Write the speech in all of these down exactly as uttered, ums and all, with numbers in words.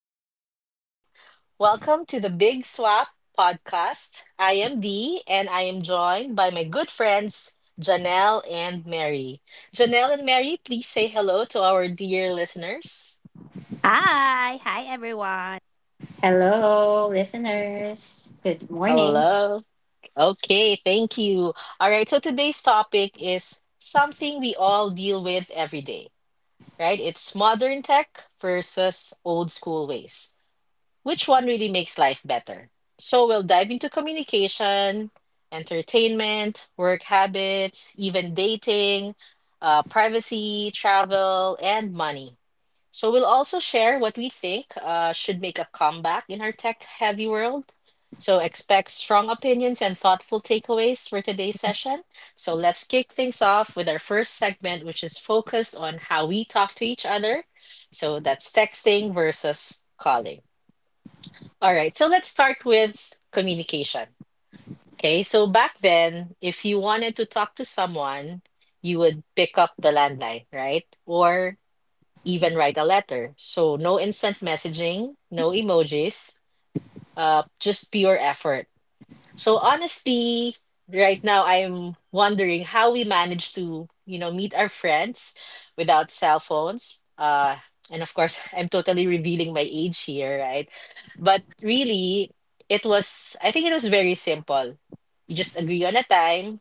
good morning. Welcome to the Big Swap podcast. I am Dee and I am joined by my good friends Janelle and Mary. Janelle and Mary, please say hello to our dear listeners. Hi, hi everyone. Hello, listeners. Good morning. Hello. Okay, thank you. All right, so today's topic is something we all deal with every day, right? It's modern tech versus old school ways, which one really makes life better. So we'll dive into communication, entertainment, work habits, even dating, uh, privacy, travel, and money. So we'll also share what we think uh, should make a comeback in our tech-heavy world. So expect strong opinions and thoughtful takeaways for today's session. So let's kick things off with our first segment, which is focused on how we talk to each other. So that's texting versus calling. All right, so let's start with communication. Okay, so back then, if you wanted to talk to someone, you would pick up the landline, right? Or even write a letter. So no instant messaging, no emojis, uh, just pure effort. So honestly, right now I'm wondering how we manage to, you know, meet our friends without cell phones. Uh, and of course, I'm totally revealing my age here, right? But really, it was, I think it was very simple. You just agree on a time,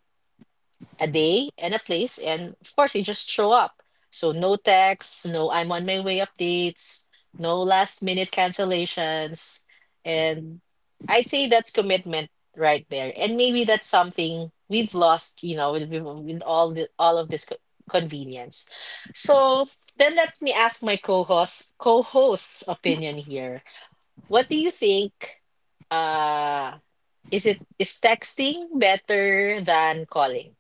a day and a place, and of course, you just show up. So no texts, no I'm on my way updates, no last minute cancellations. And I'd say that's commitment right there. And maybe that's something we've lost, you know, with, with with all the, all of this co- convenience. So then let me ask my co-host co-host's opinion here. What do you think, uh is it is texting better than calling?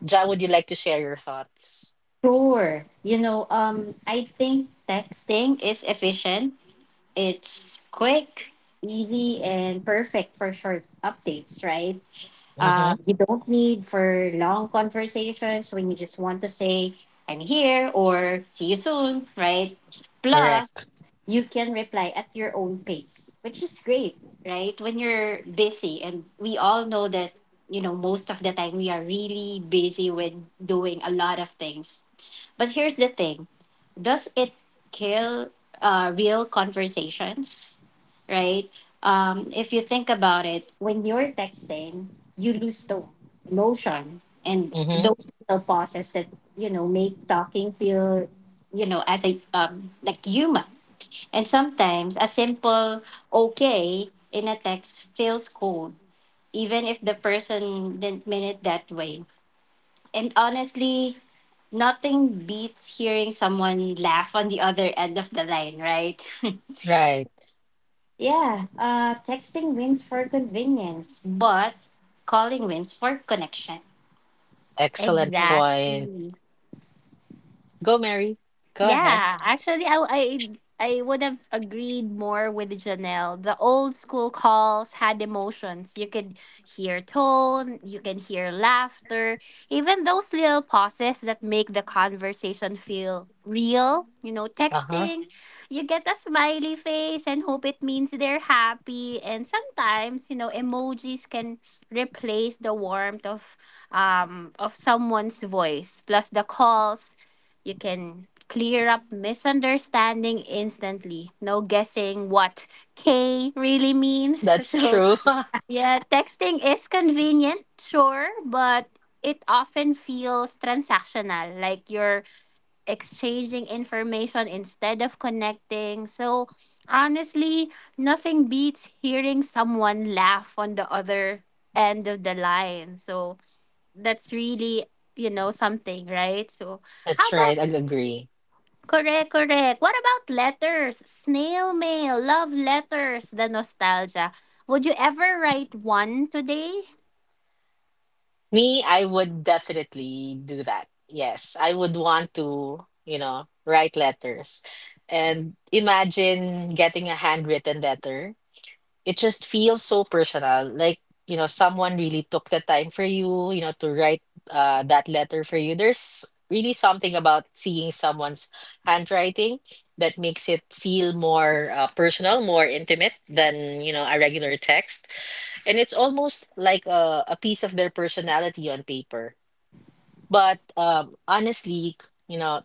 Ja, would you like to share your thoughts? Sure. You know, um, I think texting is efficient. It's quick, easy, and perfect for short updates, right? Uh, Mm-hmm. you don't need for long conversations when you just want to say, I'm here or see you soon, right? Plus, Correct. you can reply at your own pace, which is great, right? When you're busy, and we all know that, you know, most of the time we are really busy with doing a lot of things. But here's the thing, does it kill uh, real conversations? Right? Um, if you think about it, when you're texting, you lose the notion and Mm-hmm. those little pauses that, you know, make talking feel, you know, as a, um, like human. And sometimes a simple okay in a text feels cold, even if the person didn't mean it that way. And honestly, nothing beats hearing someone laugh on the other end of the line, right? Right. Yeah, uh, texting wins for convenience, but calling wins for connection. Excellent point. Exactly. Go, Mary. Go ahead. Yeah, actually, I I I would have agreed more with Janelle. The old school calls had emotions. You could hear tone, you can hear laughter, even those little pauses that make the conversation feel real. You know, Uh-huh. texting, you get a smiley face and hope it means they're happy. And sometimes, you know, emojis can replace the warmth of um of someone's voice. Plus the calls you can clear up misunderstanding instantly. No guessing what K really means. That's So, true. yeah, texting is convenient, sure, but it often feels transactional, like you're exchanging information instead of connecting. So, honestly, nothing beats hearing someone laugh on the other end of the line. So, that's really, you know, something, right? So, how That's about right. I agree. Correct, correct. What about letters? Snail mail, love letters, the nostalgia. Would you ever write one today? Me, I would definitely do that. Yes, I would want to, you know, write letters and imagine getting a handwritten letter, it just feels so personal, like you know someone really took the time for you, you know, to write uh, that letter for you. There's really something about seeing someone's handwriting that makes it feel more uh, personal, more intimate than, you know, a regular text. And it's almost like a, a piece of their personality on paper. But um, honestly, you know,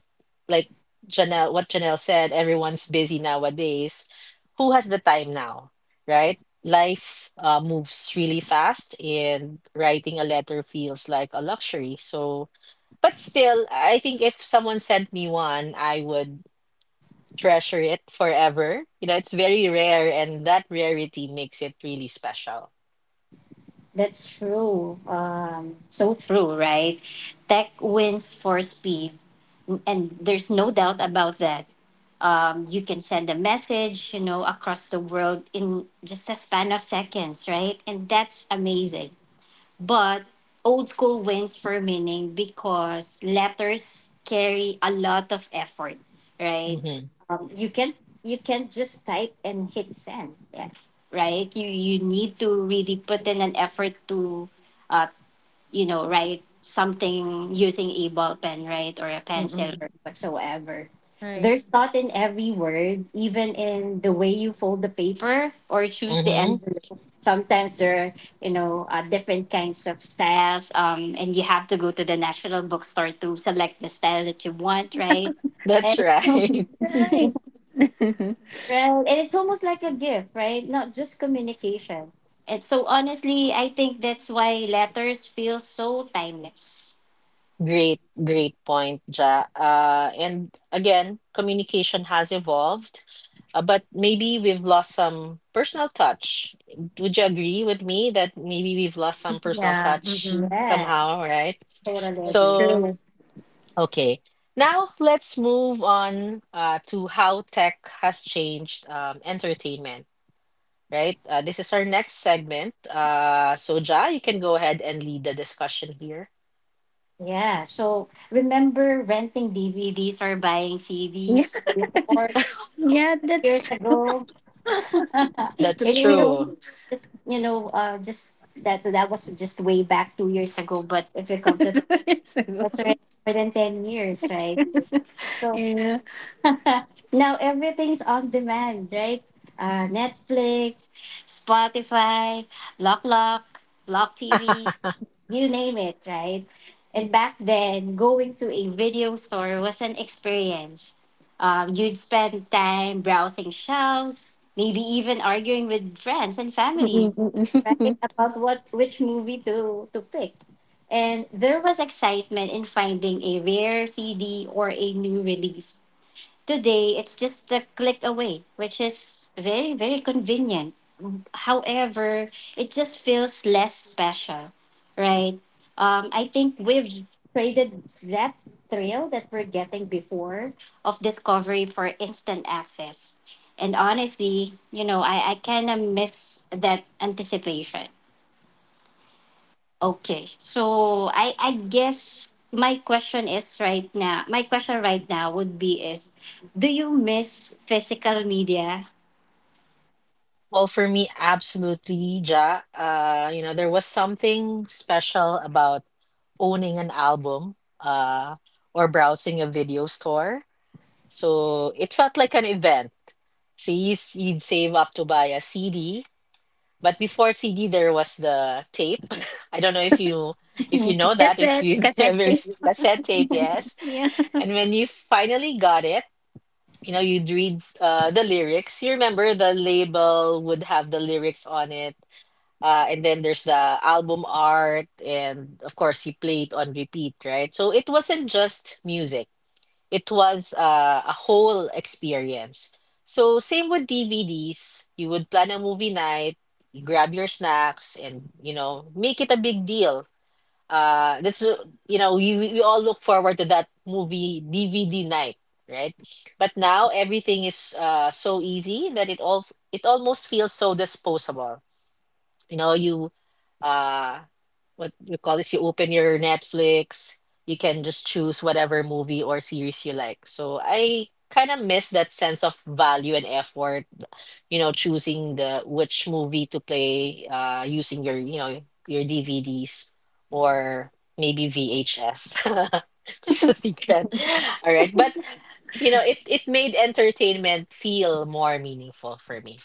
like Janelle, what Janelle said, everyone's busy nowadays. Who has the time now, right? Life uh, moves really fast, and writing a letter feels like a luxury. So, but still, I think if someone sent me one, I would treasure it forever. You know, it's very rare, and that rarity makes it really special. That's true. Um, so true, right? Tech wins for speed, and there's no doubt about that. Um, you can send a message, you know, across the world in just a span of seconds, right? And that's amazing. But old school wins for meaning because letters carry a lot of effort, right? Mm-hmm. Um, you can you can just type and hit send, yeah, right? You you need to really put in an effort to uh, you know, write something using a ball pen, right, or a pencil Mm-mm. or whatsoever. Right. There's thought in every word, even in the way you fold the paper or choose the Mm-hmm. envelope. Sometimes there are, you know, uh, different kinds of styles, um, and you have to go to the National Bookstore to select the style that you want, right? That's And right. Right. Yeah. right. And it's almost like a gift, right? Not just communication. And so honestly, I think that's why letters feel so timeless. Great, great point, Ja. Uh, and again, communication has evolved, uh, but maybe we've lost some personal touch. Would you agree with me that maybe we've lost some personal touch Mm-mm. Yeah, somehow, right? totally That's agree. So, true. okay. Now let's move on uh, to how tech has changed, um, entertainment, right? Uh, this is our next segment. Uh, so, Ja, you can go ahead and lead the discussion here. Yeah. So remember renting D V Ds or buying Yeah, C Ds before yeah, years that's ago? That's It feels true. true. like just you know, uh just that that was just way back two years ago. But if you come to think, Years ago. that's already more than ten years, right? So. Yeah. Now everything's on demand, right? Uh, Netflix, Spotify, Lock Lock, Block T V, you name it, right? And back then, going to a video store was an experience. Um, you'd spend time browsing shelves, maybe even arguing with friends and family, right, about what which movie to to pick. And there was excitement in finding a rare C D or a new release. Today, it's just a click away, which is very, very convenient. However, it just feels less special, right? Um, I think we've traded that thrill that we're getting before of discovery for instant access. And honestly, you know, I, I kind of miss that anticipation. Okay. So I I guess my question is right now. My question right now would be is, do you miss physical media? Well, for me, absolutely, Ja. Uh, you know, there was something special about owning an album, uh, or browsing a video store. So it felt like an event. So you, s- you'd save up to buy a C D, but before C D, there was the tape. I don't know if you, if you know that, if Cassette, you cassette ever tape. ex- cassette tape, Yeah. yes. Yeah. And when you finally got it, you know, you'd read uh, the lyrics. You remember the label would have the lyrics on it, uh, and then there's the album art, and of course, he played on repeat, right? So it wasn't just music, it was uh, a whole experience. So, same with D V Ds, you would plan a movie night, grab your snacks, and you know, make it a big deal. Uh, that's uh, you know, we, we we all look forward to that movie D V D night, right? But now everything is uh, so easy that it all it almost feels so disposable. You know, you, uh what you call this, you open your Netflix, you can just choose whatever movie or series you like. So I kind of miss that sense of value and effort, you know, choosing the which movie to play uh using your, you know, your DVDs, or maybe VHS. Just a secret. All right, but you know it it made entertainment feel more meaningful for me.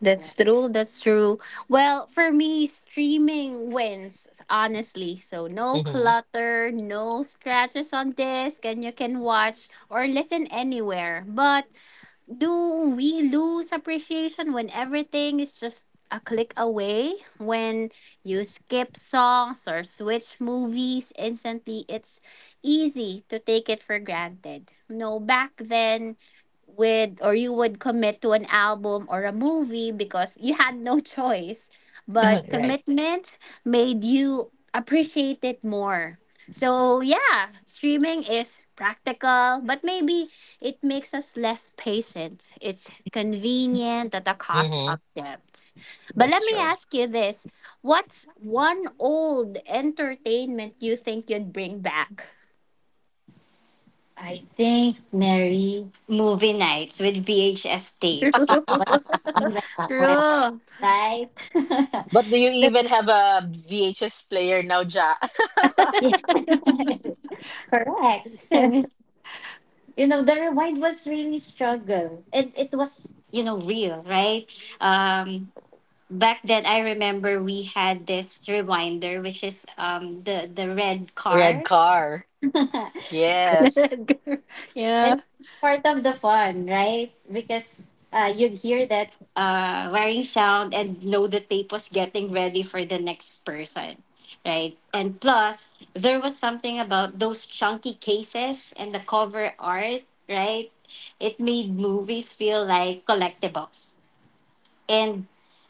That's true. That's true. Well, for me, streaming wins, honestly. So, no Hmm. clutter, no scratches on disc, and you can watch or listen anywhere. But do we lose appreciation when everything is just a click away? When you skip songs or switch movies instantly, it's easy to take it for granted. No, back then, with or you would commit to an album or a movie because you had no choice. But Right. commitment made you appreciate it more. So, yeah, streaming is practical, but maybe it makes us less patient. It's convenient at the cost Hmm. of depth. But let That's me true. ask you this, what's one old entertainment you think you'd bring back? I think Mary, movie nights with V H S tapes. Like what we went on, True. right? But do you The, even have a V H S player now, Ja? yes, correct. So, you know, the rewind was really struggle. It it was you know real, right? Um, back then I remember we had this reminder, which is um the the red Red car. car. It's Yes. Yeah. part of the fun, right? Because uh, you'd hear that uh, whirring sound and know the tape was getting ready for the next person, right? And plus, there was something about those chunky cases and the cover art, right? It made movies feel like collectibles. And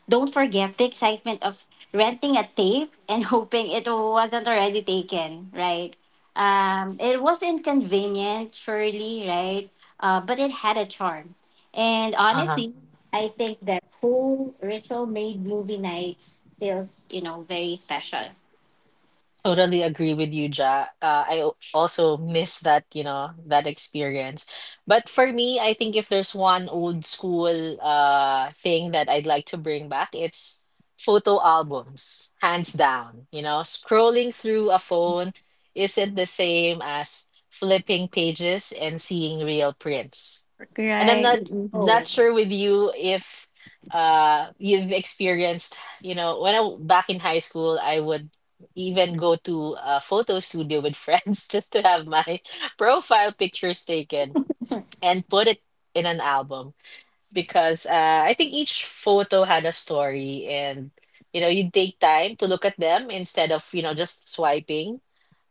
don't forget the excitement of renting a tape and hoping it wasn't already taken, right? Um, it was inconvenient, surely, right? Uh, but it had a charm. And Uh-huh. honestly, I think that whole ritual made movie nights feels, you know, very special. Totally agree with you, Ja. Uh, I o- also miss that, you know, that experience. But for me, I think if there's one old school uh thing that I'd like to bring back, it's photo albums, hands down. You know, scrolling through a phone isn't the same as flipping pages and seeing real prints. And I'm Right. not not Oh. sure with you if uh you've experienced, you know, when I, back in high school, I would even go to a photo studio with friends just to have my profile pictures taken and put it in an album, because uh, I think each photo had a story, and you know you take time to look at them instead of, you know, just swiping.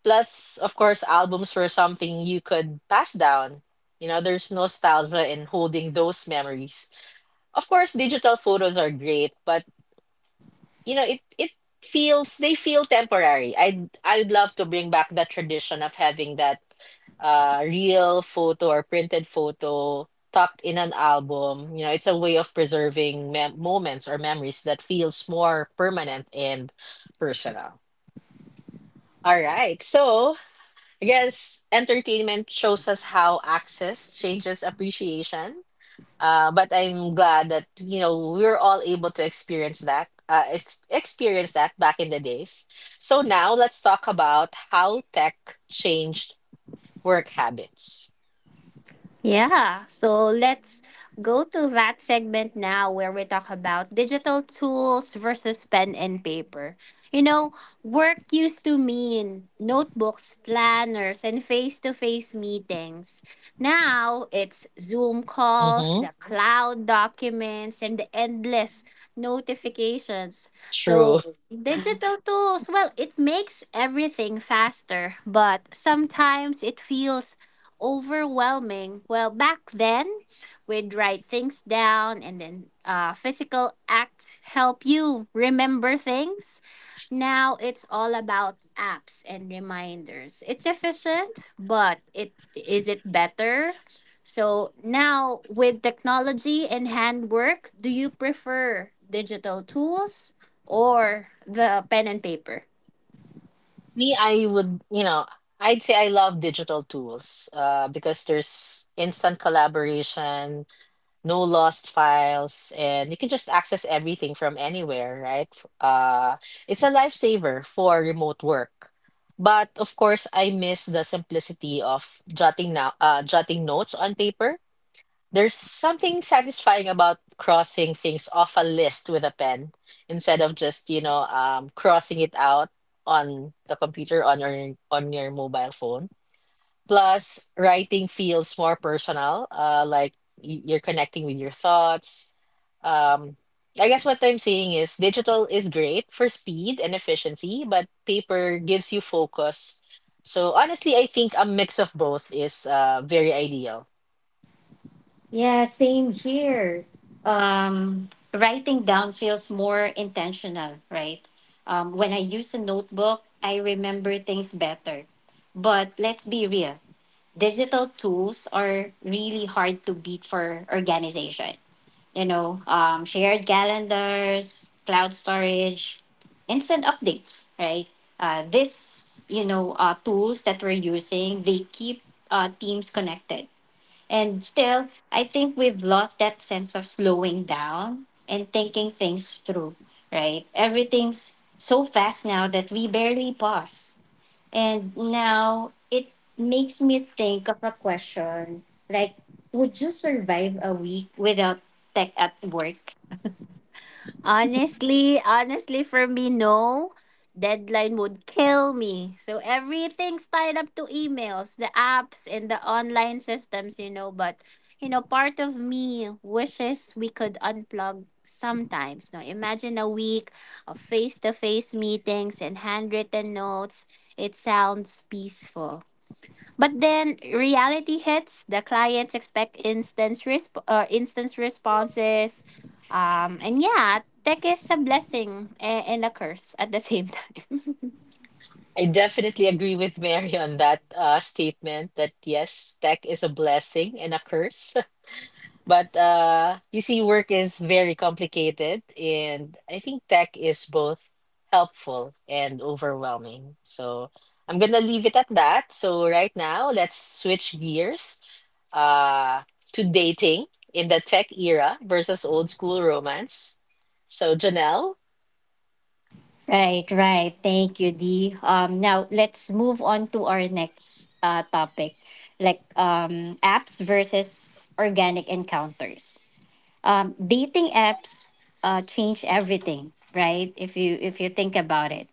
Plus, of course, albums were something you could pass down. You know, there's nostalgia in holding those memories. Of course, digital photos are great, but you know, it it feels, they feel temporary. I I'd love to bring back that tradition of having that uh real photo or printed photo tucked in an album. You know, it's a way of preserving mem moments or memories that feels more permanent and personal. All right. So, I guess entertainment shows us how access changes appreciation. Uh, but I'm glad that you know we were all able to experience that, uh, ex- experience that back in the days. So now let's talk about how tech changed work habits. Yeah, so let's go to that segment now where we talk about digital tools versus pen and paper. You know, work used to mean notebooks, planners, and face to face meetings. Now it's Zoom calls, Mm-hmm. the cloud documents, and the endless notifications. True. So, digital tools, well, it makes everything faster, but sometimes it feels overwhelming. Well, back then, we'd write things down and then uh, physical acts help you remember things. Now it's all about apps and reminders. It's efficient, but it is it better? So now with technology and handwork, do you prefer digital tools or the pen and paper? Me, I would, you know, I'd say I love digital tools uh, because there's instant collaboration, no lost files, and you can just access everything from anywhere, right? F- uh it's a lifesaver for remote work. But of course, I miss the simplicity of jotting now uh, jotting notes on paper. There's something satisfying about crossing things off a list with a pen instead of just, you know, um crossing it out on the computer, on your, on your mobile phone. Plus, writing feels more personal, uh, like y- you're connecting with your thoughts. Um, I guess what I'm saying is digital is great for speed and efficiency, but paper gives you focus. So honestly, I think a mix of both is uh, very ideal. Yeah, same here. Um, writing down feels more intentional, right? Um, when I use a notebook, I remember things better. But let's be real, digital tools are really hard to beat for organization. You know, um, shared calendars, cloud storage, instant updates, right? Uh, this, you know, uh, tools that we're using, they keep uh, teams connected, and still, I think we've lost that sense of slowing down and thinking things through, right? Everything's so fast now that we barely pause. And now it makes me think of a question like, would you survive a week without tech at work? Honestly, honestly, for me, no. Deadline would kill me. So everything's tied up to emails, the apps, and the online systems, you know. But, you know, part of me wishes we could unplug sometimes. No, imagine a week of face to face meetings and handwritten notes. It sounds peaceful. But then reality hits. The clients expect instant resp- uh, instant responses. Um, and yeah, tech is a blessing and, and a curse at the same time. I definitely agree with Mary on that uh, statement that yes, tech is a blessing and a curse. But uh, you see, work is very complicated, and I think tech is both helpful and overwhelming. So I'm gonna leave it at that. So right now, let's switch gears uh, to dating in the tech era versus old school romance. So Janelle, Right, right. Thank you, Dee. Um, now let's move on to our next uh, topic, like um, apps versus organic encounters. um, dating apps uh, change everything, right? If you if you think about it,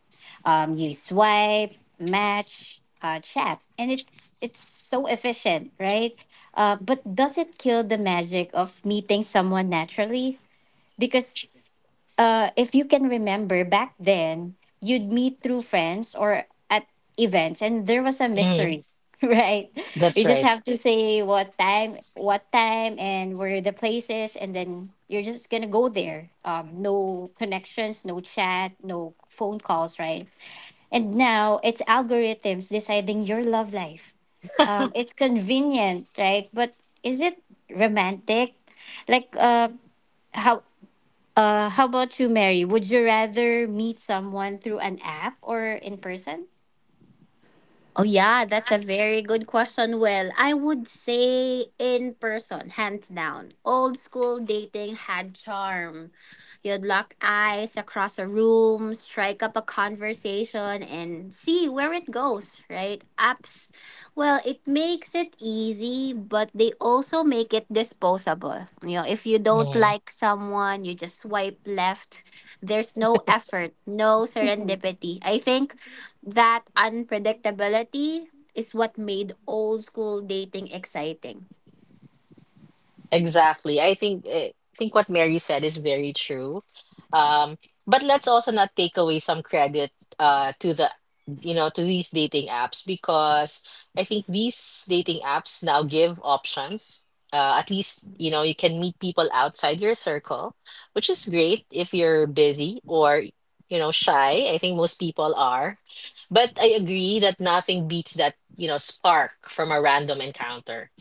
um, you swipe, match, uh, chat, and it's it's so efficient, right? Uh, but does it kill the magic of meeting someone naturally? Because uh, if you can remember back then, you'd meet through friends or at events, and there was a mhm, mystery, right? that's You just right. have to say what time, what time, and where the place is, and then you're just gonna go there. Um, no connections, no chat, no phone calls, right? And now it's algorithms deciding your love life. Um, it's convenient, right? But is it romantic? Like, uh, how? Uh, how about you, Mary? Would you rather meet someone through an app or in person? Oh yeah, that's a very good question. Well, I would say in person, hands down. Old school dating had charm. You'd lock eyes across a room, strike up a conversation and see where it goes, right? Apps, well, it makes it easy, but they also make it disposable. You know, if you don't like someone, you just swipe left. There's no effort, no Mhm. serendipity. I think that unpredictability is what made old school dating exciting. Exactly. I think I think what Mary said is very true. Um, but let's also not take away some credit uh to the, you know, to these dating apps, because I think these dating apps now give options. Uh, at least you know you can meet people outside your circle, which is great if you're busy or you know shy. I think most people are. But I agree that nothing beats that, you know, spark from a random encounter,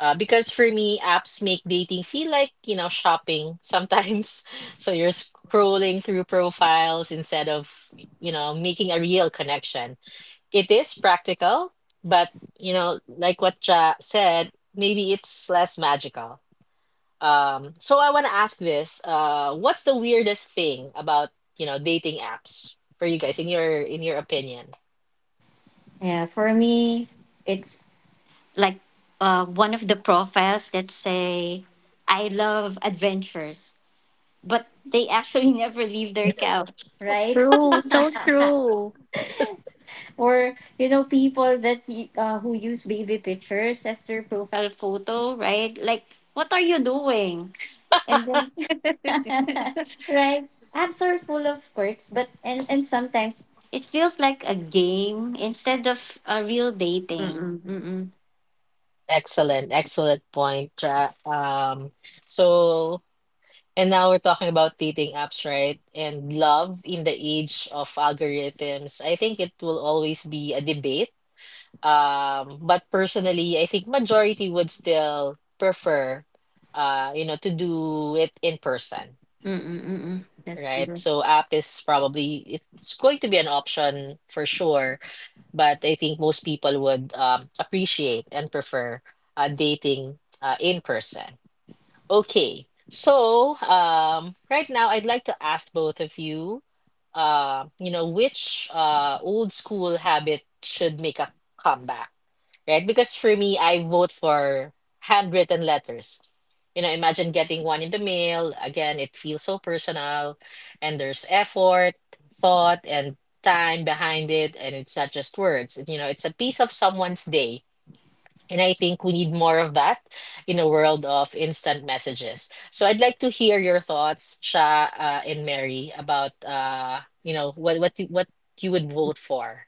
uh, because for me, apps make dating feel like, you know, shopping sometimes. So you're scrolling through profiles instead of, you know, making a real connection. It is practical, but, you know, like what Ja said, maybe it's less magical. Um, so I want to ask this, uh, what's the weirdest thing about, you know, dating apps for you guys in your, in your opinion? Yeah, for me, it's like uh, one of the profiles that say, I love adventures, but they actually never leave their couch, right? True, so true. Or, you know, people that y- uh, who use baby pictures as their profile photo, right? Like, what are you doing? And then Mm-mm, right? Apps are full of quirks, but and, and sometimes it feels like a game instead of a real dating. mm-mm, mm-mm, Excellent, excellent point, Ja. Um, so. And now we're talking about dating apps, right? And love in the age of algorithms. I think it will always be a debate. Um, but personally, I think majority would still prefer, uh, you know, to do it in person, mm-mm. That's right? true. So app is probably, it's going to be an option for sure, but I think most people would, um, appreciate and prefer uh, dating uh, in person. Okay, so um, right now I'd like to ask both of you, uh, you know, which uh, old school habit should make a comeback, right? Because for me, I vote for handwritten letters. You know, imagine getting one in the mail. Again, it feels so personal, and there's effort, thought, and time behind it, and it's not just words. You know, it's a piece of someone's day, and I think we need more of that in a world of instant messages. So I'd like to hear your thoughts, Sha uh, and Mary, about uh, you know what what you, what you would vote for.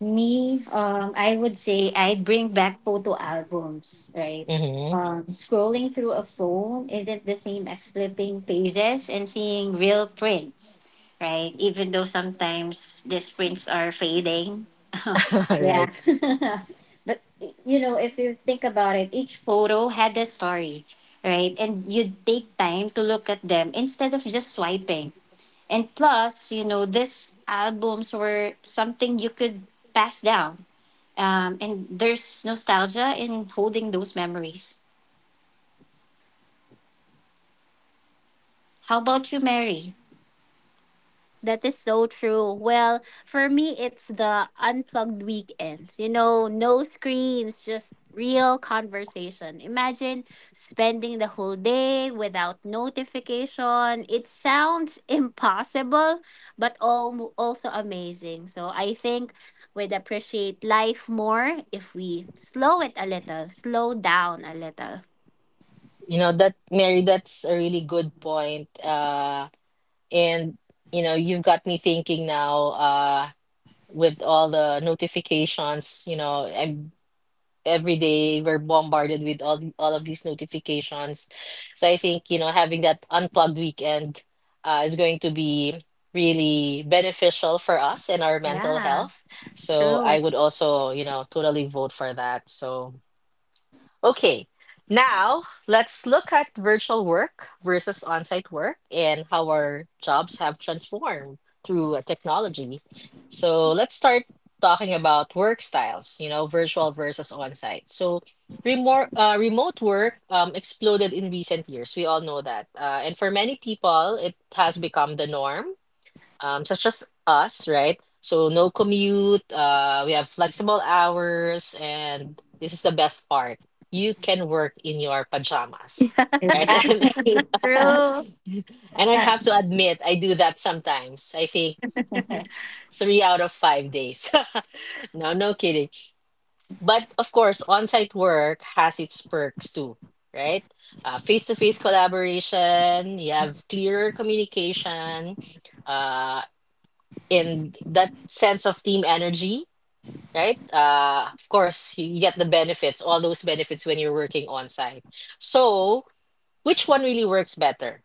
Me, um, I would say I'd bring back photo albums, right? Mm-hmm. Um, scrolling through a phone isn't the same as flipping pages and seeing real prints, right? Even though sometimes these prints are fading. Right. Yeah. But, you know, if you think about it, each photo had a story, right? And you'd take time to look at them instead of just swiping, and plus, you know, these albums were something you could pass down. Um, and there's nostalgia in holding those memories. How about you, Mary? That is so true. Well, for me, it's the unplugged weekends. You know, no screens, just real conversation. Imagine spending the whole day without notification. It sounds impossible, but all, also amazing. So I think we'd appreciate life more if we slow it a little, slow down a little. You know that Mary, that's a really good point. Uh, and you know you've got me thinking now. Uh, with all the notifications, you know, I'm. Every day we're bombarded with all all of these notifications. So I think, you know, having that unplugged weekend uh, is going to be really beneficial for us and our mental Yeah, health. So I true. would also, you know, totally vote for that. So okay, now let's look at virtual work versus on-site work and how our jobs have transformed through uh, technology. So let's start talking about work styles, you know, virtual versus on-site. So remote uh, remote work um, exploded in recent years. We all know that. Uh, and for many people, it has become the norm, um, such as us, right? So no commute, uh, we have flexible hours, and this is the best part. You can work in your pajamas, right? Right. And, True. and I have to admit, I do that sometimes. I think three out of five days. No, no kidding. But of course, on-site work has its perks too, right? Uh, face-to-face collaboration, you have clearer communication, Uh in that sense of team energy, right? Uh, of course, you get the benefits, all those benefits when you're working on site. So, which one really works better,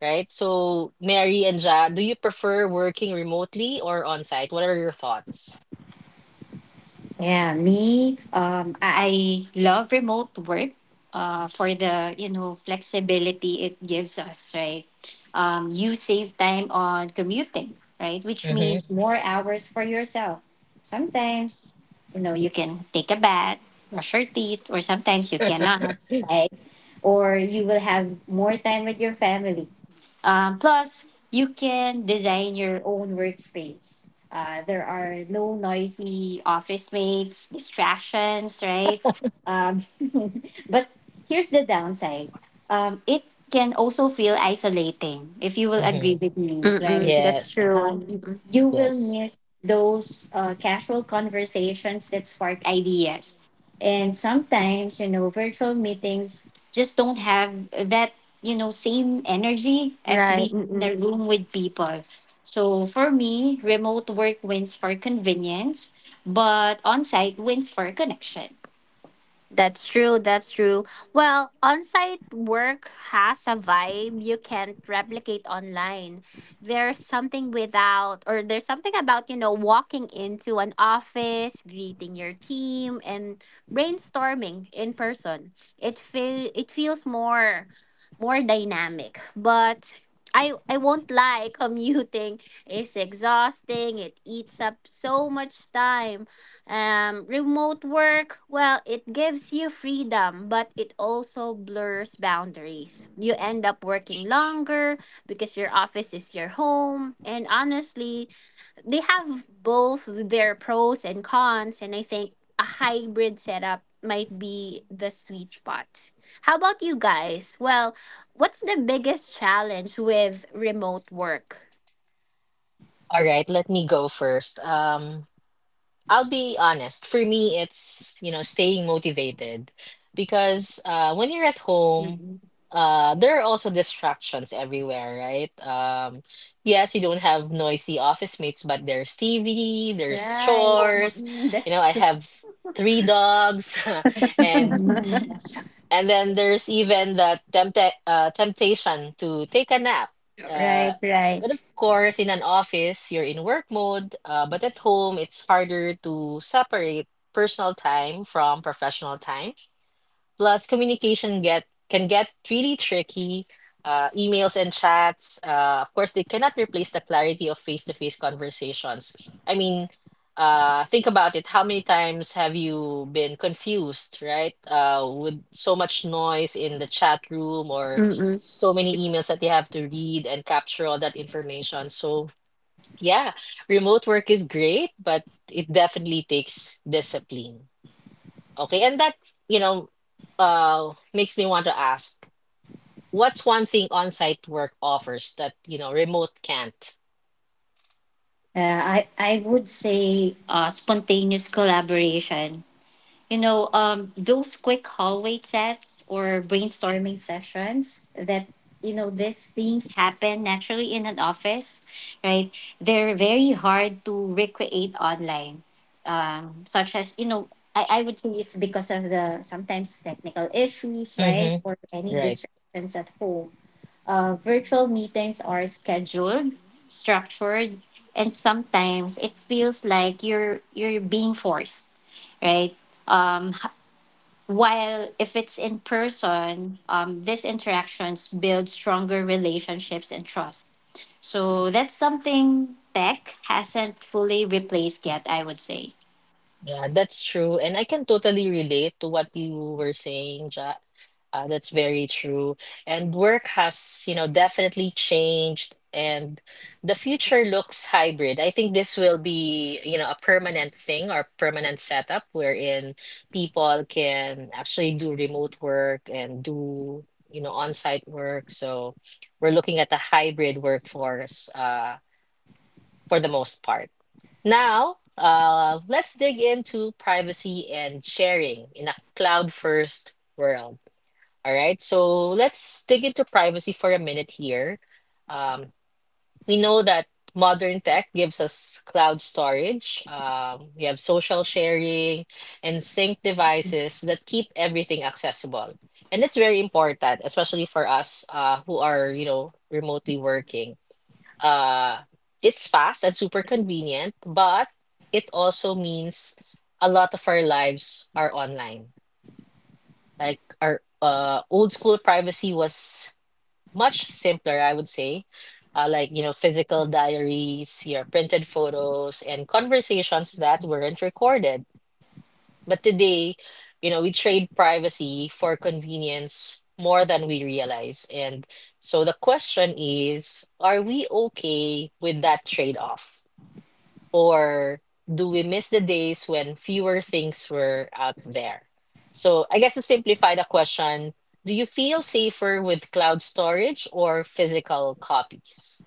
right? So, Mary and Ja, do you prefer working remotely or on site? What are your thoughts? Yeah, me, um, I I love remote work uh, for the, you know, flexibility it gives us, right? Um, you save time on commuting, right? Which Mm-hmm, means more hours for yourself. Sometimes, you know, you can take a bath, brush your teeth, or sometimes you cannot, right? Or you will have more time with your family. Um, plus, you can design your own workspace. Uh, there are no noisy office mates, distractions, right? Um, but here's the downside, um, it can also feel isolating, if you will agree mm-hmm. with me, Mm-mm, right? that's Yes, true. Um, Mm-mm, you will yes. miss those uh, casual conversations that spark ideas. And sometimes, you know, virtual meetings just don't have that, you know, same energy as right. being in Mm-mm. a room with people. So for me, remote work wins for convenience, but on site wins for connection. That's true. That's true. Well, on site work has a vibe you can't replicate online. There's something without, or there's something about, you know, walking into an office, greeting your team, and brainstorming in person. It feel it feels more more dynamic. But I I won't lie, commuting is exhausting. It eats up so much time um, remote work, well, it gives you freedom, but it also blurs boundaries. You end up working longer because your office is your home. And honestly, they have both their pros and cons. And I think a hybrid setup might be the sweet spot. How about you guys? Well, what's the biggest challenge with remote work? All right, let me go first. Um, I'll be honest. For me, it's, you know, staying motivated because uh, when you're at home, uh, there are also distractions everywhere, right? Um, yes, you don't have noisy office mates, but there's T V, there's Right. chores. Mm, You know, that's I true. have three dogs, and and then there's even the tempta- uh, temptation to take a nap. Uh, Right, but right. of course, in an office, you're in work mode, uh, but at home, it's harder to separate personal time from professional time. Plus, communication get can get really tricky. Uh, emails and chats, uh, of course, they cannot replace the clarity of face-to-face conversations. I mean, uh, think about it. How many times have you been confused, right? Uh, with so much noise in the chat room or so many emails that you have to read and capture all that information. So, yeah, remote work is great, but it definitely takes discipline. Okay, and that, you know, uh makes me want to ask, what's one thing on-site work offers that, you know, remote can't? Uh, I, I would say uh, spontaneous collaboration, you know, um, those quick hallway chats or brainstorming sessions that, you know, these things happen naturally in an office, right? They're very hard to recreate online, um, such as, you know, I, I would say it's because of the sometimes technical issues, right? Mm-hmm. Or any Right. distractions at home. uh, virtual meetings are scheduled, structured, and sometimes it feels like you're you're being forced, right? Um, h- while if it's in person, um, these interactions build stronger relationships and trust. So that's something tech hasn't fully replaced yet, I would say. Yeah, that's true. And I can totally relate to what you were saying, Ja. Uh, that's very true. And work has, you know, definitely changed, and the future looks hybrid. I think this will be, you know, a permanent thing or permanent setup wherein people can actually do remote work and do, you know, on-site work. So we're looking at a hybrid workforce, uh, for the most part. Now, uh, let's dig into privacy and sharing in a cloud first world. All right, so let's dig into privacy for a minute here. Um, we know that modern tech gives us cloud storage, um, we have social sharing, and sync devices that keep everything accessible. And it's very important, especially for us uh, who are, you know, remotely working uh it's fast and super convenient, but it also means a lot of our lives are online. Like our uh old school privacy was much simpler, I would say. Uh, like, you know, physical diaries, your printed photos, and conversations that weren't recorded. But today, you know, we trade privacy for convenience more than we realize. And so the question is, are we okay with that trade-off? Or do we miss the days when fewer things were out there? So I guess to simplify the question, do you feel safer with cloud storage or physical copies?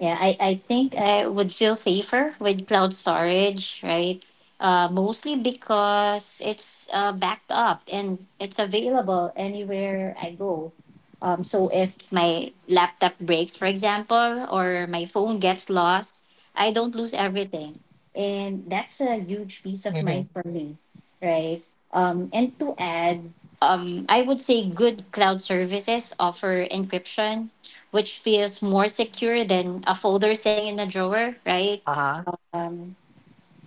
Yeah, I, I think I would feel safer with cloud storage, right? Uh, mostly because it's uh, backed up and it's available anywhere I go. Um, so if my laptop breaks, for example, or my phone gets lost, I don't lose everything. And that's a huge peace of Mm-hmm. mind for me, right? Um, and to add, um, I would say good cloud services offer encryption which feels more secure than a folder sitting in a drawer, right? Uh-huh. Um,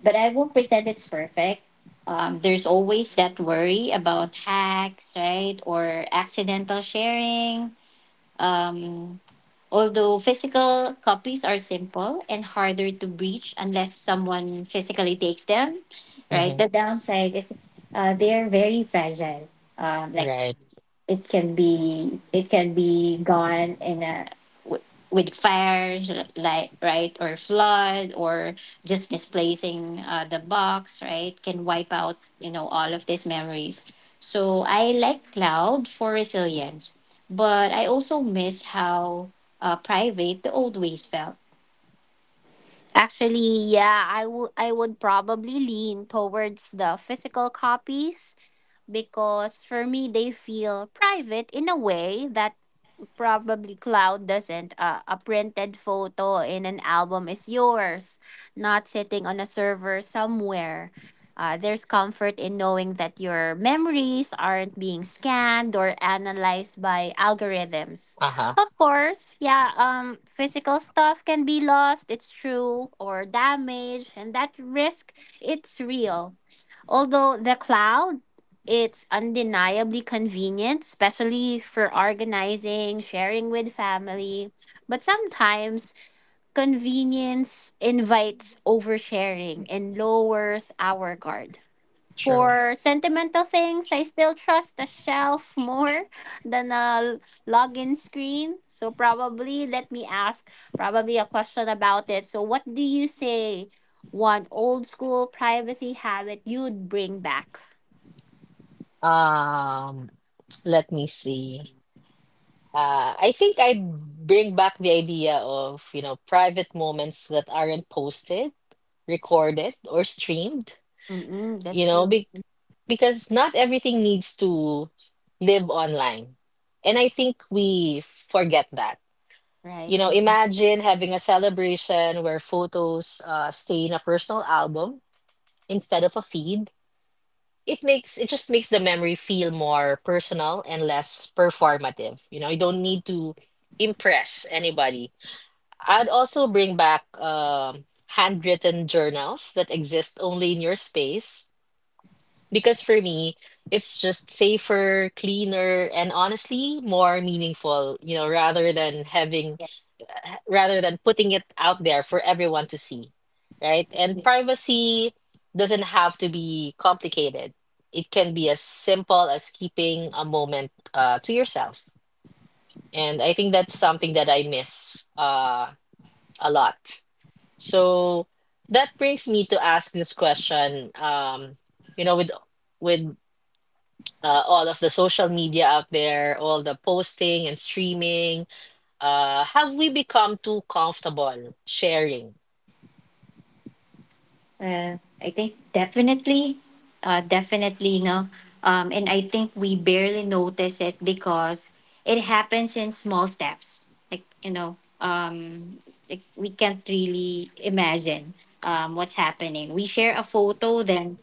but I won't pretend it's perfect. Um, there's always that worry about hacks, right? Or accidental sharing. Um, although physical copies are simple and harder to breach unless someone physically takes them, right? Mm-hmm. The downside is uh, they're very fragile. Um, like Right. it can be it can be gone in a w- with fires like, right, or flood or just misplacing uh, the box, right, can wipe out you know all of these memories, so I like cloud for resilience, but I also miss how uh, private the old ways felt. Actually, yeah, I would I would probably lean towards the physical copies because for me they feel private in a way that probably Cloud doesn't. Uh, a printed photo in an album is yours, not sitting on a server somewhere. Uh, there's comfort in knowing that your memories aren't being scanned or analyzed by algorithms. Uh-huh. Of course, yeah, um, physical stuff can be lost, it's true, or damaged, and that risk, it's real. Although the cloud, it's undeniably convenient, especially for organizing, sharing with family. But sometimes convenience invites oversharing and lowers our guard. True. For sentimental things, I still trust the shelf more than a login screen. So probably let me ask probably a question about it. So what do you say, one old school privacy habit you'd bring back? Um, let me see. Uh, I think I bring back the idea of, you know, private moments that aren't posted, recorded, or streamed, Mm-mm, that's you know, true. be because not everything needs to live online. And I think we forget that. You Right. know, Mm-mm. imagine having a celebration where photos uh, stay in a personal album instead of a feed. It makes it just makes the memory feel more personal and less performative. You know, you don't need to impress anybody. I'd also bring back um handwritten journals that exist only in your space. Because for me, it's just safer, cleaner, and honestly more meaningful, you know, rather than having, rather than putting it out there for everyone to see, right? And privacy doesn't have to be complicated. It can be as simple as keeping a moment uh, to yourself. And I think that's something that I miss uh, a lot. So that brings me to ask this question, um, you know, with with uh, all of the social media out there, all the posting and streaming, uh, have we become too comfortable sharing? Uh, I think definitely, uh, definitely no. Um, and I think we barely notice it because it happens in small steps. Like you know, um, like we can't really imagine um, what's happening. We share a photo, then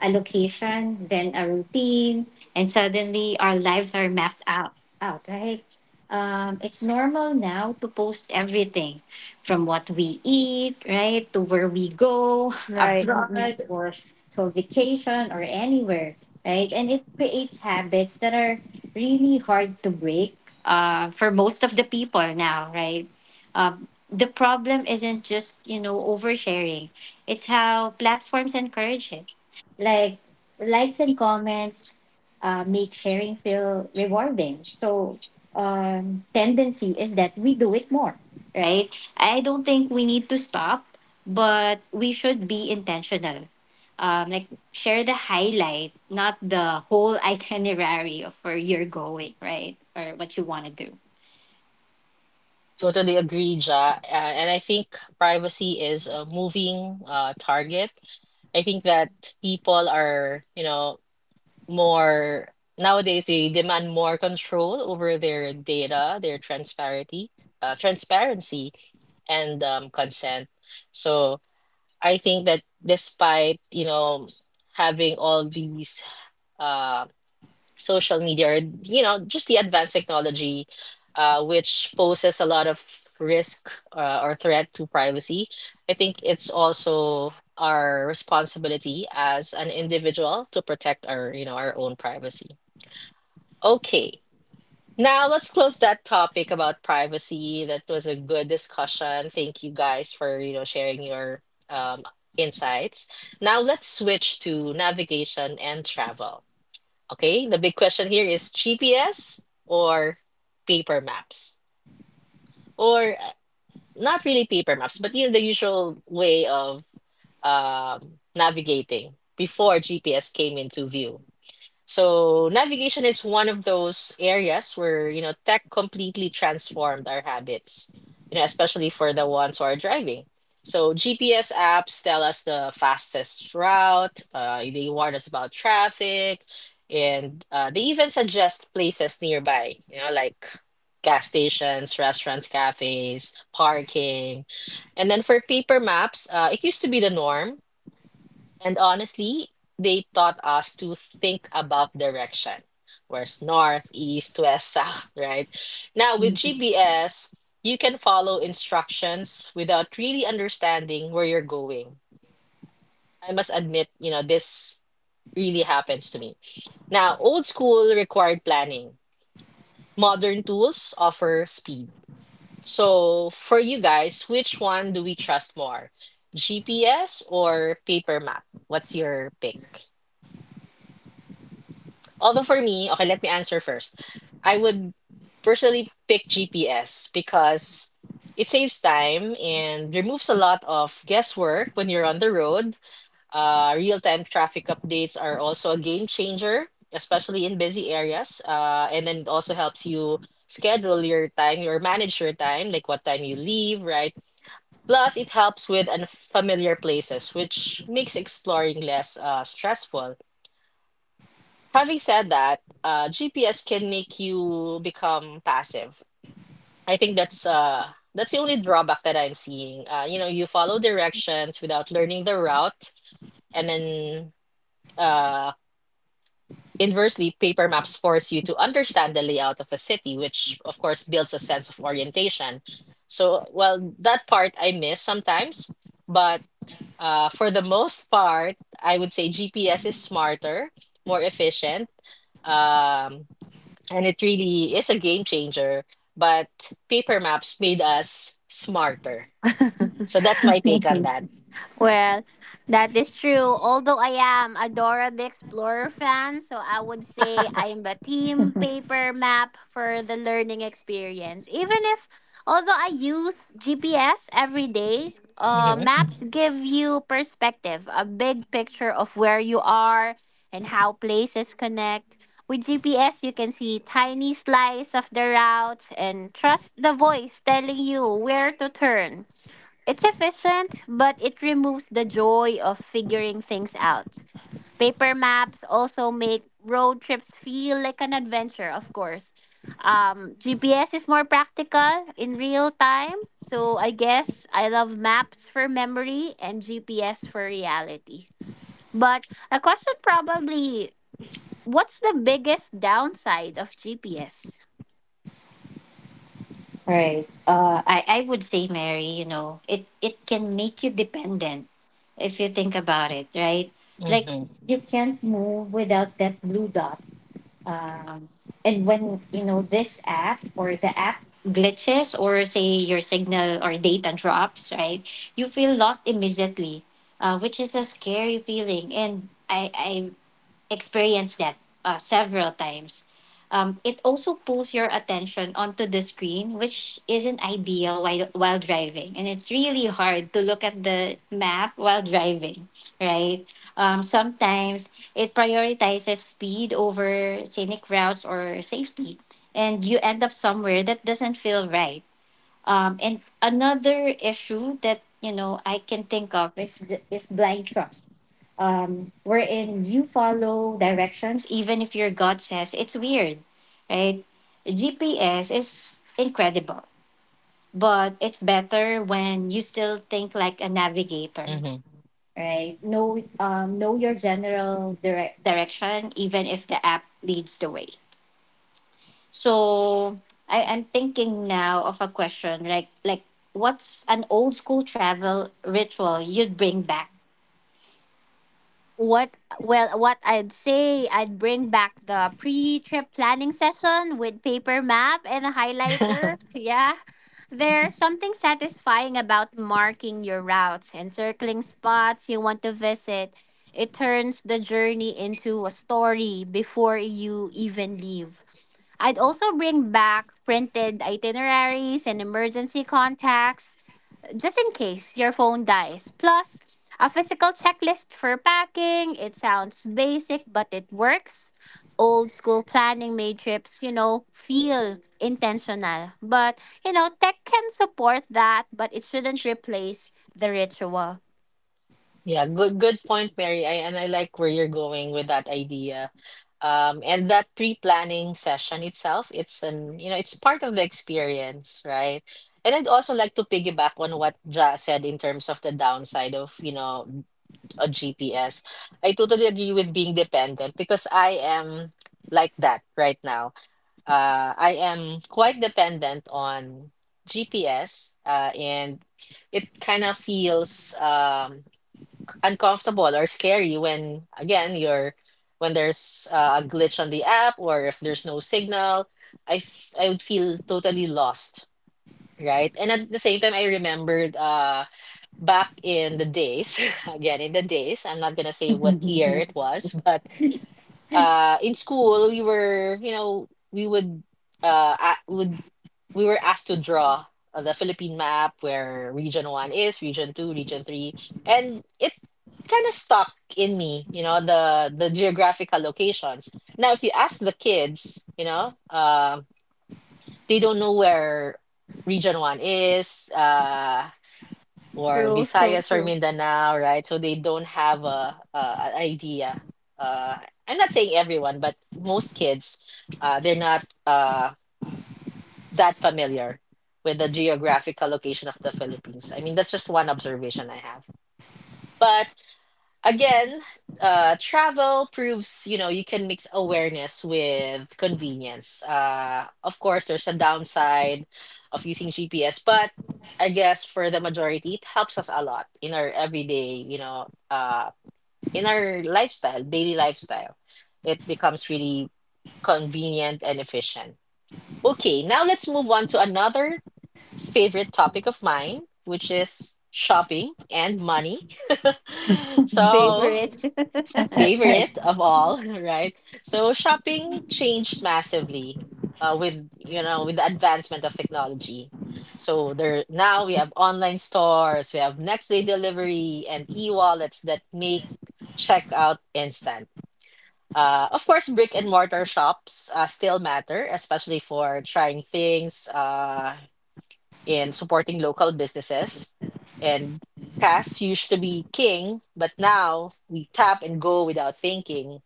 a location, then a routine, and suddenly our lives are mapped out. Out right. Um, it's normal now to post everything from what we eat, right, to where we go, Right. Mm-mm. abroad or to a vacation or anywhere, right? And it creates habits that are really hard to break uh, for most of the people now, right? Um, the problem isn't just, you know, oversharing. It's how platforms encourage it like likes and comments uh, make sharing feel rewarding. So um, tendency is that we do it more, right? I don't think we need to stop, but we should be intentional. Um, like share the highlight, not the whole itinerary of where you're going, right, or what you want to do. Totally agree, Ja. Uh, and I think privacy is a moving uh, target. I think that people are, you know, more nowadays they demand more control over their data, their transparency, uh, transparency, and um, consent. So I think that despite, you know, having all these uh, social media, or, you know, just the advanced technology, uh, which poses a lot of risk uh, or threat to privacy, I think it's also our responsibility as an individual to protect our, you know, our own privacy. Okay. Now let's close that topic about privacy. That was a good discussion. Thank you guys for, you know, sharing your um, insights. Now let's switch to navigation and travel. Okay, the big question here is G P S or paper maps, or uh, not really paper maps, but you know the usual way of um, navigating before G P S came into view. So navigation is one of those areas where, you know, tech completely transformed our habits, you know, especially for the ones who are driving. So G P S apps tell us the fastest route, uh, they warn us about traffic, and uh, they even suggest places nearby, you know, like gas stations, restaurants, cafes, parking. And then for paper maps, uh, it used to be the norm, and honestly, they taught us to think about direction. Where's north, east, west, south, right? Now, with Mhm. G P S, you can follow instructions without really understanding where you're going. I must admit, you know, this really happens to me. Now, old school required planning, modern tools offer speed. So, for you guys, which one do we trust more? G P S or paper map? What's your pick? Although for me, okay, let me answer first. I would personally pick G P S because it saves time and removes a lot of guesswork when you're on the road. Uh, real-time traffic updates are also a game changer, especially in busy areas. Uh, and then it also helps you schedule your time or manage your time, like what time you leave, right? Plus, it helps with unfamiliar places, which makes exploring less uh, stressful. Having said that, uh, G P S can make you become passive. I think that's uh that's the only drawback that I'm seeing. Uh, you know, you follow directions without learning the route, and then uh inversely, paper maps force you to understand the layout of a city, which of course builds a sense of orientation. So, well, that part I miss sometimes, but uh, for the most part, I would say G P S is smarter, more efficient. Um, and it really is a game changer. But paper maps made us smarter. So that's my take on that. Well, that is true. Although I am a Dora the Explorer fan, so I would say I'm the team paper map for the learning experience. Even if, although I use G P S every day, uh, Hmm. maps give you perspective, a big picture of where you are and how places connect. With G P S, you can see tiny slice of the route and trust the voice telling you where to turn. It's efficient, but it removes the joy of figuring things out. Paper maps also make road trips feel like an adventure, of course. Um, G P S is more practical in real time. So I guess I love maps for memory and G P S for reality. But a question probably, what's the biggest downside of G P S? Right. Uh, I I would say, Mary, you know, it it can make you dependent if you think about it, right? Like Hmm. you can't move without that blue dot. Um, and when you know this app or the app glitches or say your signal or data drops, right? You feel lost immediately, uh, which is a scary feeling. And I, I experienced that uh, several times. Um, it also pulls your attention onto the screen, which isn't ideal while, while driving. And it's really hard to look at the map while driving, right? Um, sometimes it prioritizes speed over scenic routes or safety, and you end up somewhere that doesn't feel right. Um, and another issue that you know I can think of is th- is blind trust, um, wherein you follow directions even if your gut says it's weird, right? G P S is incredible, but it's better when you still think like a navigator, Hmm. right? Know um, know your general dire- direction even if the app leads the way. So I, I'm thinking now of a question like like what's an old school travel ritual you'd bring back? What well, what I'd say, I'd bring back the pre-trip planning session with paper map and a highlighter. Yeah. There's something satisfying about marking your routes and circling spots you want to visit. It turns the journey into a story before you even leave. I'd also bring back printed itineraries and emergency contacts just in case your phone dies. Plus, a physical checklist for packing. It sounds basic, but it works. Old school planning made trips, you know, feel intentional. But, you know, tech can support that, but it shouldn't replace the ritual. Yeah, good good point, Mary. I, and I like where you're going with that idea. Um, and that pre-planning session itself, it's an you know, it's part of the experience, right? And I'd also like to piggyback on what Ja said in terms of the downside of, you know, on G P S. I totally agree with being dependent because I am like that right now. Uh, I am quite dependent on G P S, uh, and it kind of feels um, uncomfortable or scary when, again, you're when there's uh, a glitch on the app or if there's no signal. I f- I would feel totally lost, right? And at the same time, I remembered. Uh, back in the days, again, in the days, I'm not gonna say what year it was, but uh, in school we were, you know, we would uh, a- would we were asked to draw uh, the Philippine map where Region One is, Region Two, Region Three, and it kind of stuck in me, you know, the the geographical locations. Now, if you ask the kids, you know, um, they don't know where Region One is. Uh, or True, so Visayas or true. Mindanao, right? So they don't have a, a an idea. Uh, I'm not saying everyone, but most kids, uh, they're not uh, that familiar with the geographical location of the Philippines. I mean, that's just one observation I have. But. Again, uh, travel proves, you know, you can mix awareness with convenience. Uh, of course, there's a downside of using G P S, but I guess for the majority, it helps us a lot in our everyday, you know, uh, in our lifestyle, daily lifestyle. It becomes really convenient and efficient. Okay, now let's move on to another favorite topic of mine, which is shopping and money. So Favorite. favorite of all, right? So shopping changed massively uh, with you know with the advancement of technology. So there now we have online stores, we have next day delivery and e-wallets that make checkout instant. Uh, of course, brick and mortar shops uh, still matter, especially for trying things uh, and supporting local businesses. And cash used to be king, but now we tap and go without thinking,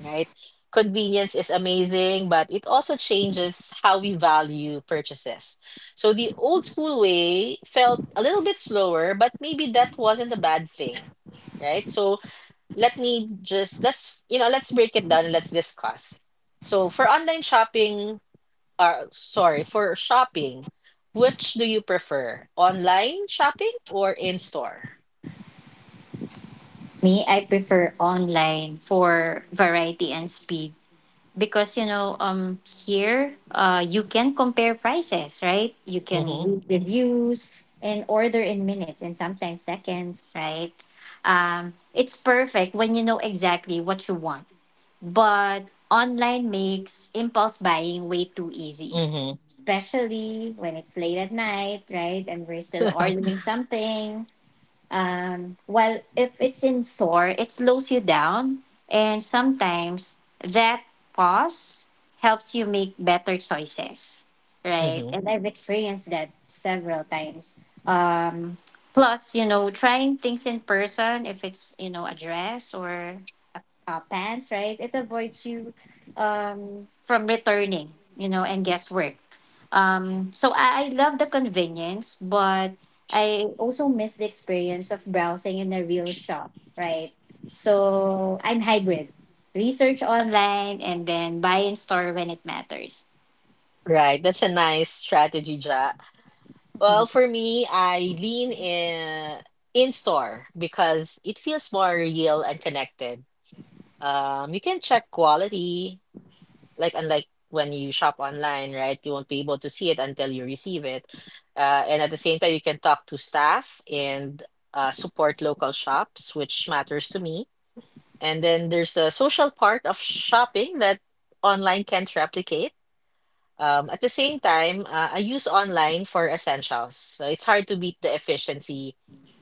right? Convenience is amazing, but it also changes how we value purchases. So the old school way felt a little bit slower, but maybe that wasn't a bad thing, right? So let me just let's you know let's break it down and let's discuss. So for online shopping, uh, sorry, for shopping, which do you prefer, online shopping or in store? Me, I prefer online for variety and speed because you know um here uh you can compare prices, right? You can Mm-hmm. read reviews and order in minutes and sometimes seconds, right? Um, it's perfect when you know exactly what you want. But online makes impulse buying way too easy, Mm-hmm. especially when it's late at night, right? And we're still ordering something. Um, well, if it's in store, it slows you down. And sometimes that pause helps you make better choices, right? Mm-hmm. And I've experienced that several times. Um, plus, you know, trying things in person, if it's, you know, a dress or uh, pants, right? It avoids you um, from returning, you know, and guesswork. Um, so I, I love the convenience, but I also miss the experience of browsing in a real shop, right? So I'm hybrid. Research online and then buy in store when it matters. Right, that's a nice strategy, Ja. Well, for me, I lean in in store because it feels more real and connected. Um, you can check quality, like unlike when you shop online, right? You won't be able to see it until you receive it. Uh, and at the same time, you can talk to staff and uh, support local shops, which matters to me. And then there's the social part of shopping that online can't replicate. Um, at the same time, uh, I use online for essentials. So it's hard to beat the efficiency.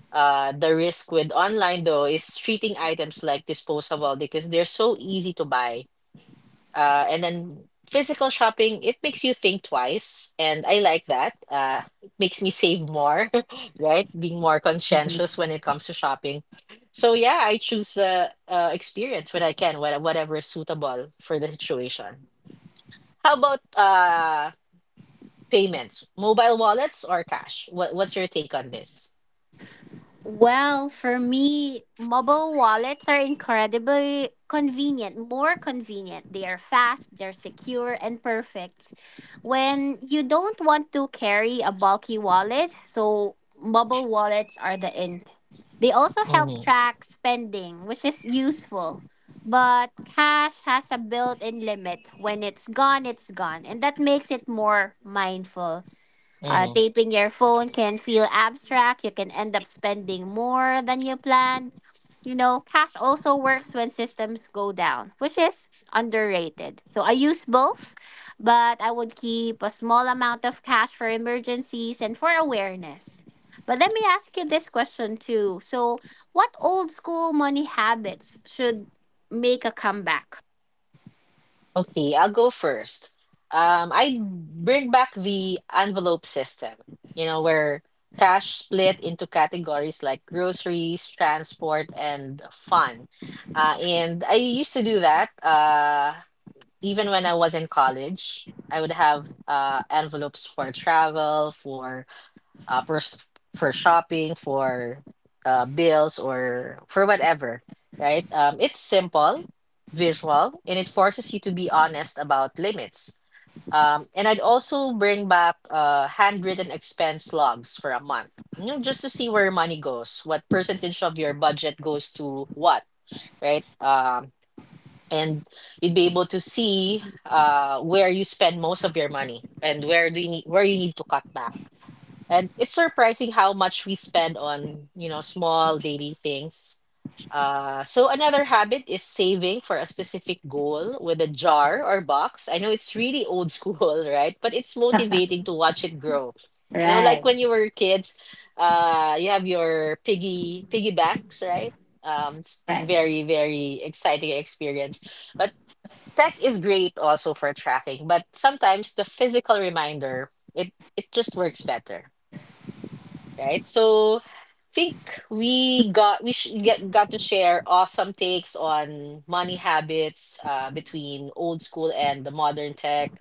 Uh, the risk with online, though, is treating items like disposable because they're so easy to buy. Uh, and then physical shopping, it makes you think twice. And I like that. Uh, it makes me save more, right? Being more conscientious when it comes to shopping. So yeah, I choose the uh, experience when I can, wha- whatever is suitable for the situation. How about uh payments, mobile wallets or cash? What what's your take on this? Well, for me, mobile wallets are incredibly convenient, more convenient. They are fast, they're secure, and perfect. When you don't want to carry a bulky wallet, so mobile wallets are the end. They also Hmm. help track spending, which is useful. But cash has a built in limit. When it's gone, it's gone. And that makes it more mindful. Uh, hmm. Taping your phone can feel abstract. You can end up spending more than you planned. You know, cash also works when systems go down, which is underrated. So I use both, but I would keep a small amount of cash for emergencies and for awareness. But let me ask you this question too. So, what old school money habits should make a comeback? Okay, I'll go first. Um, I bring back the envelope system, you know, where cash split into categories like groceries, transport, and fun. Uh, and I used to do that uh, even when I was in college. I would have uh, envelopes for travel, for. Uh, for, s- for shopping, for uh, bills, or for whatever, right? Um, it's simple, visual, and it forces you to be honest about limits. Um, and I'd also bring back uh, handwritten expense logs for a month, you know, just to see where money goes, what percentage of your budget goes to what, right? Um, and you'd be able to see uh, where you spend most of your money and where do you need, where you need to cut back, and it's surprising how much we spend on, you know, small daily things. Uh, so another habit is saving for a specific goal with a jar or box. I know it's really old school, right? But it's motivating to watch it grow. You know, Right, like when you were kids, uh, you have your piggy piggy banks, right? Um, it's right. very, very exciting experience. But tech is great also for tracking, but sometimes the physical reminder, it it just works better, right? So think we got we sh get got to share awesome takes on money habits uh, between old school and the modern tech.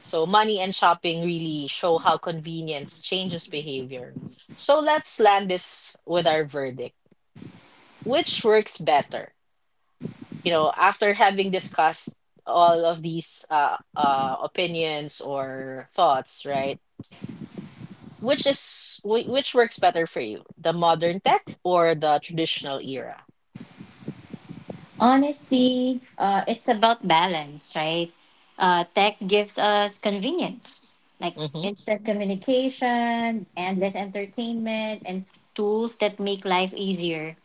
So money and shopping really show how convenience changes behavior. So let's land this with our verdict. Which works better? You know, after having discussed all of these uh, uh, opinions or thoughts, right? Which is whi- which works better for you, the modern tech or the traditional era? Honestly, uh, it's about balance, right? Uh, tech gives us convenience, like Hmm. instant communication, endless entertainment, and tools that make life easier.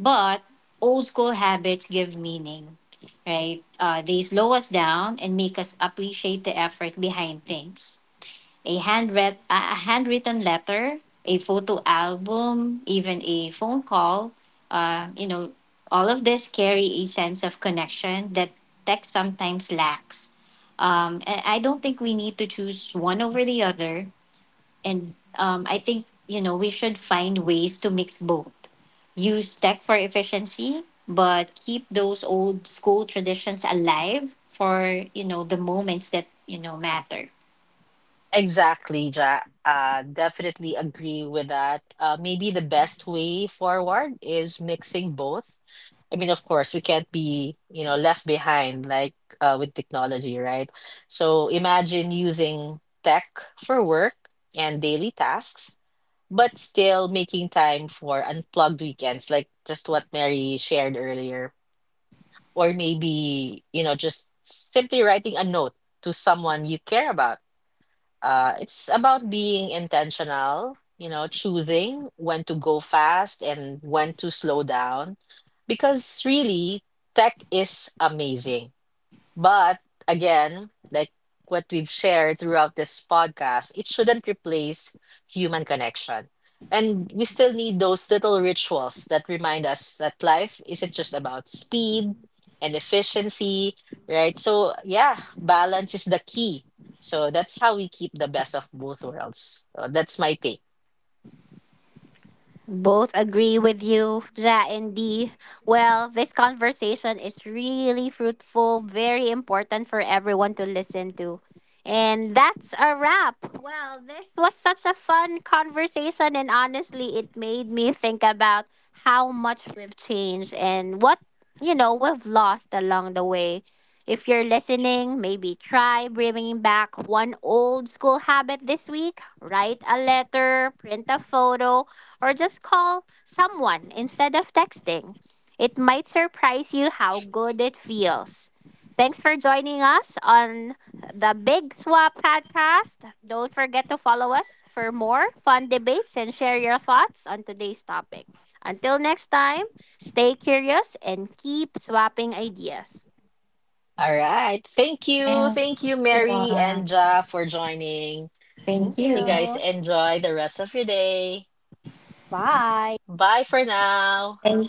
But old school habits give meaning, right? Uh, they slow us down and make us appreciate the effort behind things, a handwrit- a a handwritten letter, a photo album, even a phone call, uh, you know, all of this carry a sense of connection that text sometimes lacks. Um, and I don't think we need to choose one over the other. And um, I think, you know, we should find ways to mix both. Use tech for efficiency, but keep those old school traditions alive for, you know, the moments that, you know, matter. Exactly, Ja. Uh, definitely agree with that. Uh, maybe the best way forward is mixing both. I mean, of course, we can't be, you know, left behind like uh, with technology, right? So imagine using tech for work and daily tasks, but still making time for unplugged weekends, like just what Mary shared earlier. Or maybe, you know, just simply writing a note to someone you care about. Uh, it's about being intentional, you know, choosing when to go fast and when to slow down, because really, tech is amazing, but again, like what we've shared throughout this podcast, it shouldn't replace human connection. And we still need those little rituals that remind us that life isn't just about speed and efficiency, right? So, yeah, balance is the key. So, that's how we keep the best of both worlds. So that's my take. Both agree with you, Ja and Dee. Well, this conversation is really fruitful, very important for everyone to listen to. And that's a wrap. Well, this was such a fun conversation, and honestly, it made me think about how much we've changed and what, you know, we've lost along the way. If you're listening, maybe try bringing back one old school habit this week. Write a letter, print a photo, or just call someone instead of texting. It might surprise you how good it feels. Thanks for joining us on the Big Swap podcast. Don't forget to follow us for more fun debates and share your thoughts on today's topic. Until next time, stay curious and keep swapping ideas. All right. Thank you. Thank Thanks, you, Mary everyone. and Ja, for joining. Thank Thank You you. guys you. enjoy the rest of your day. Bye. Bye for now. Bye.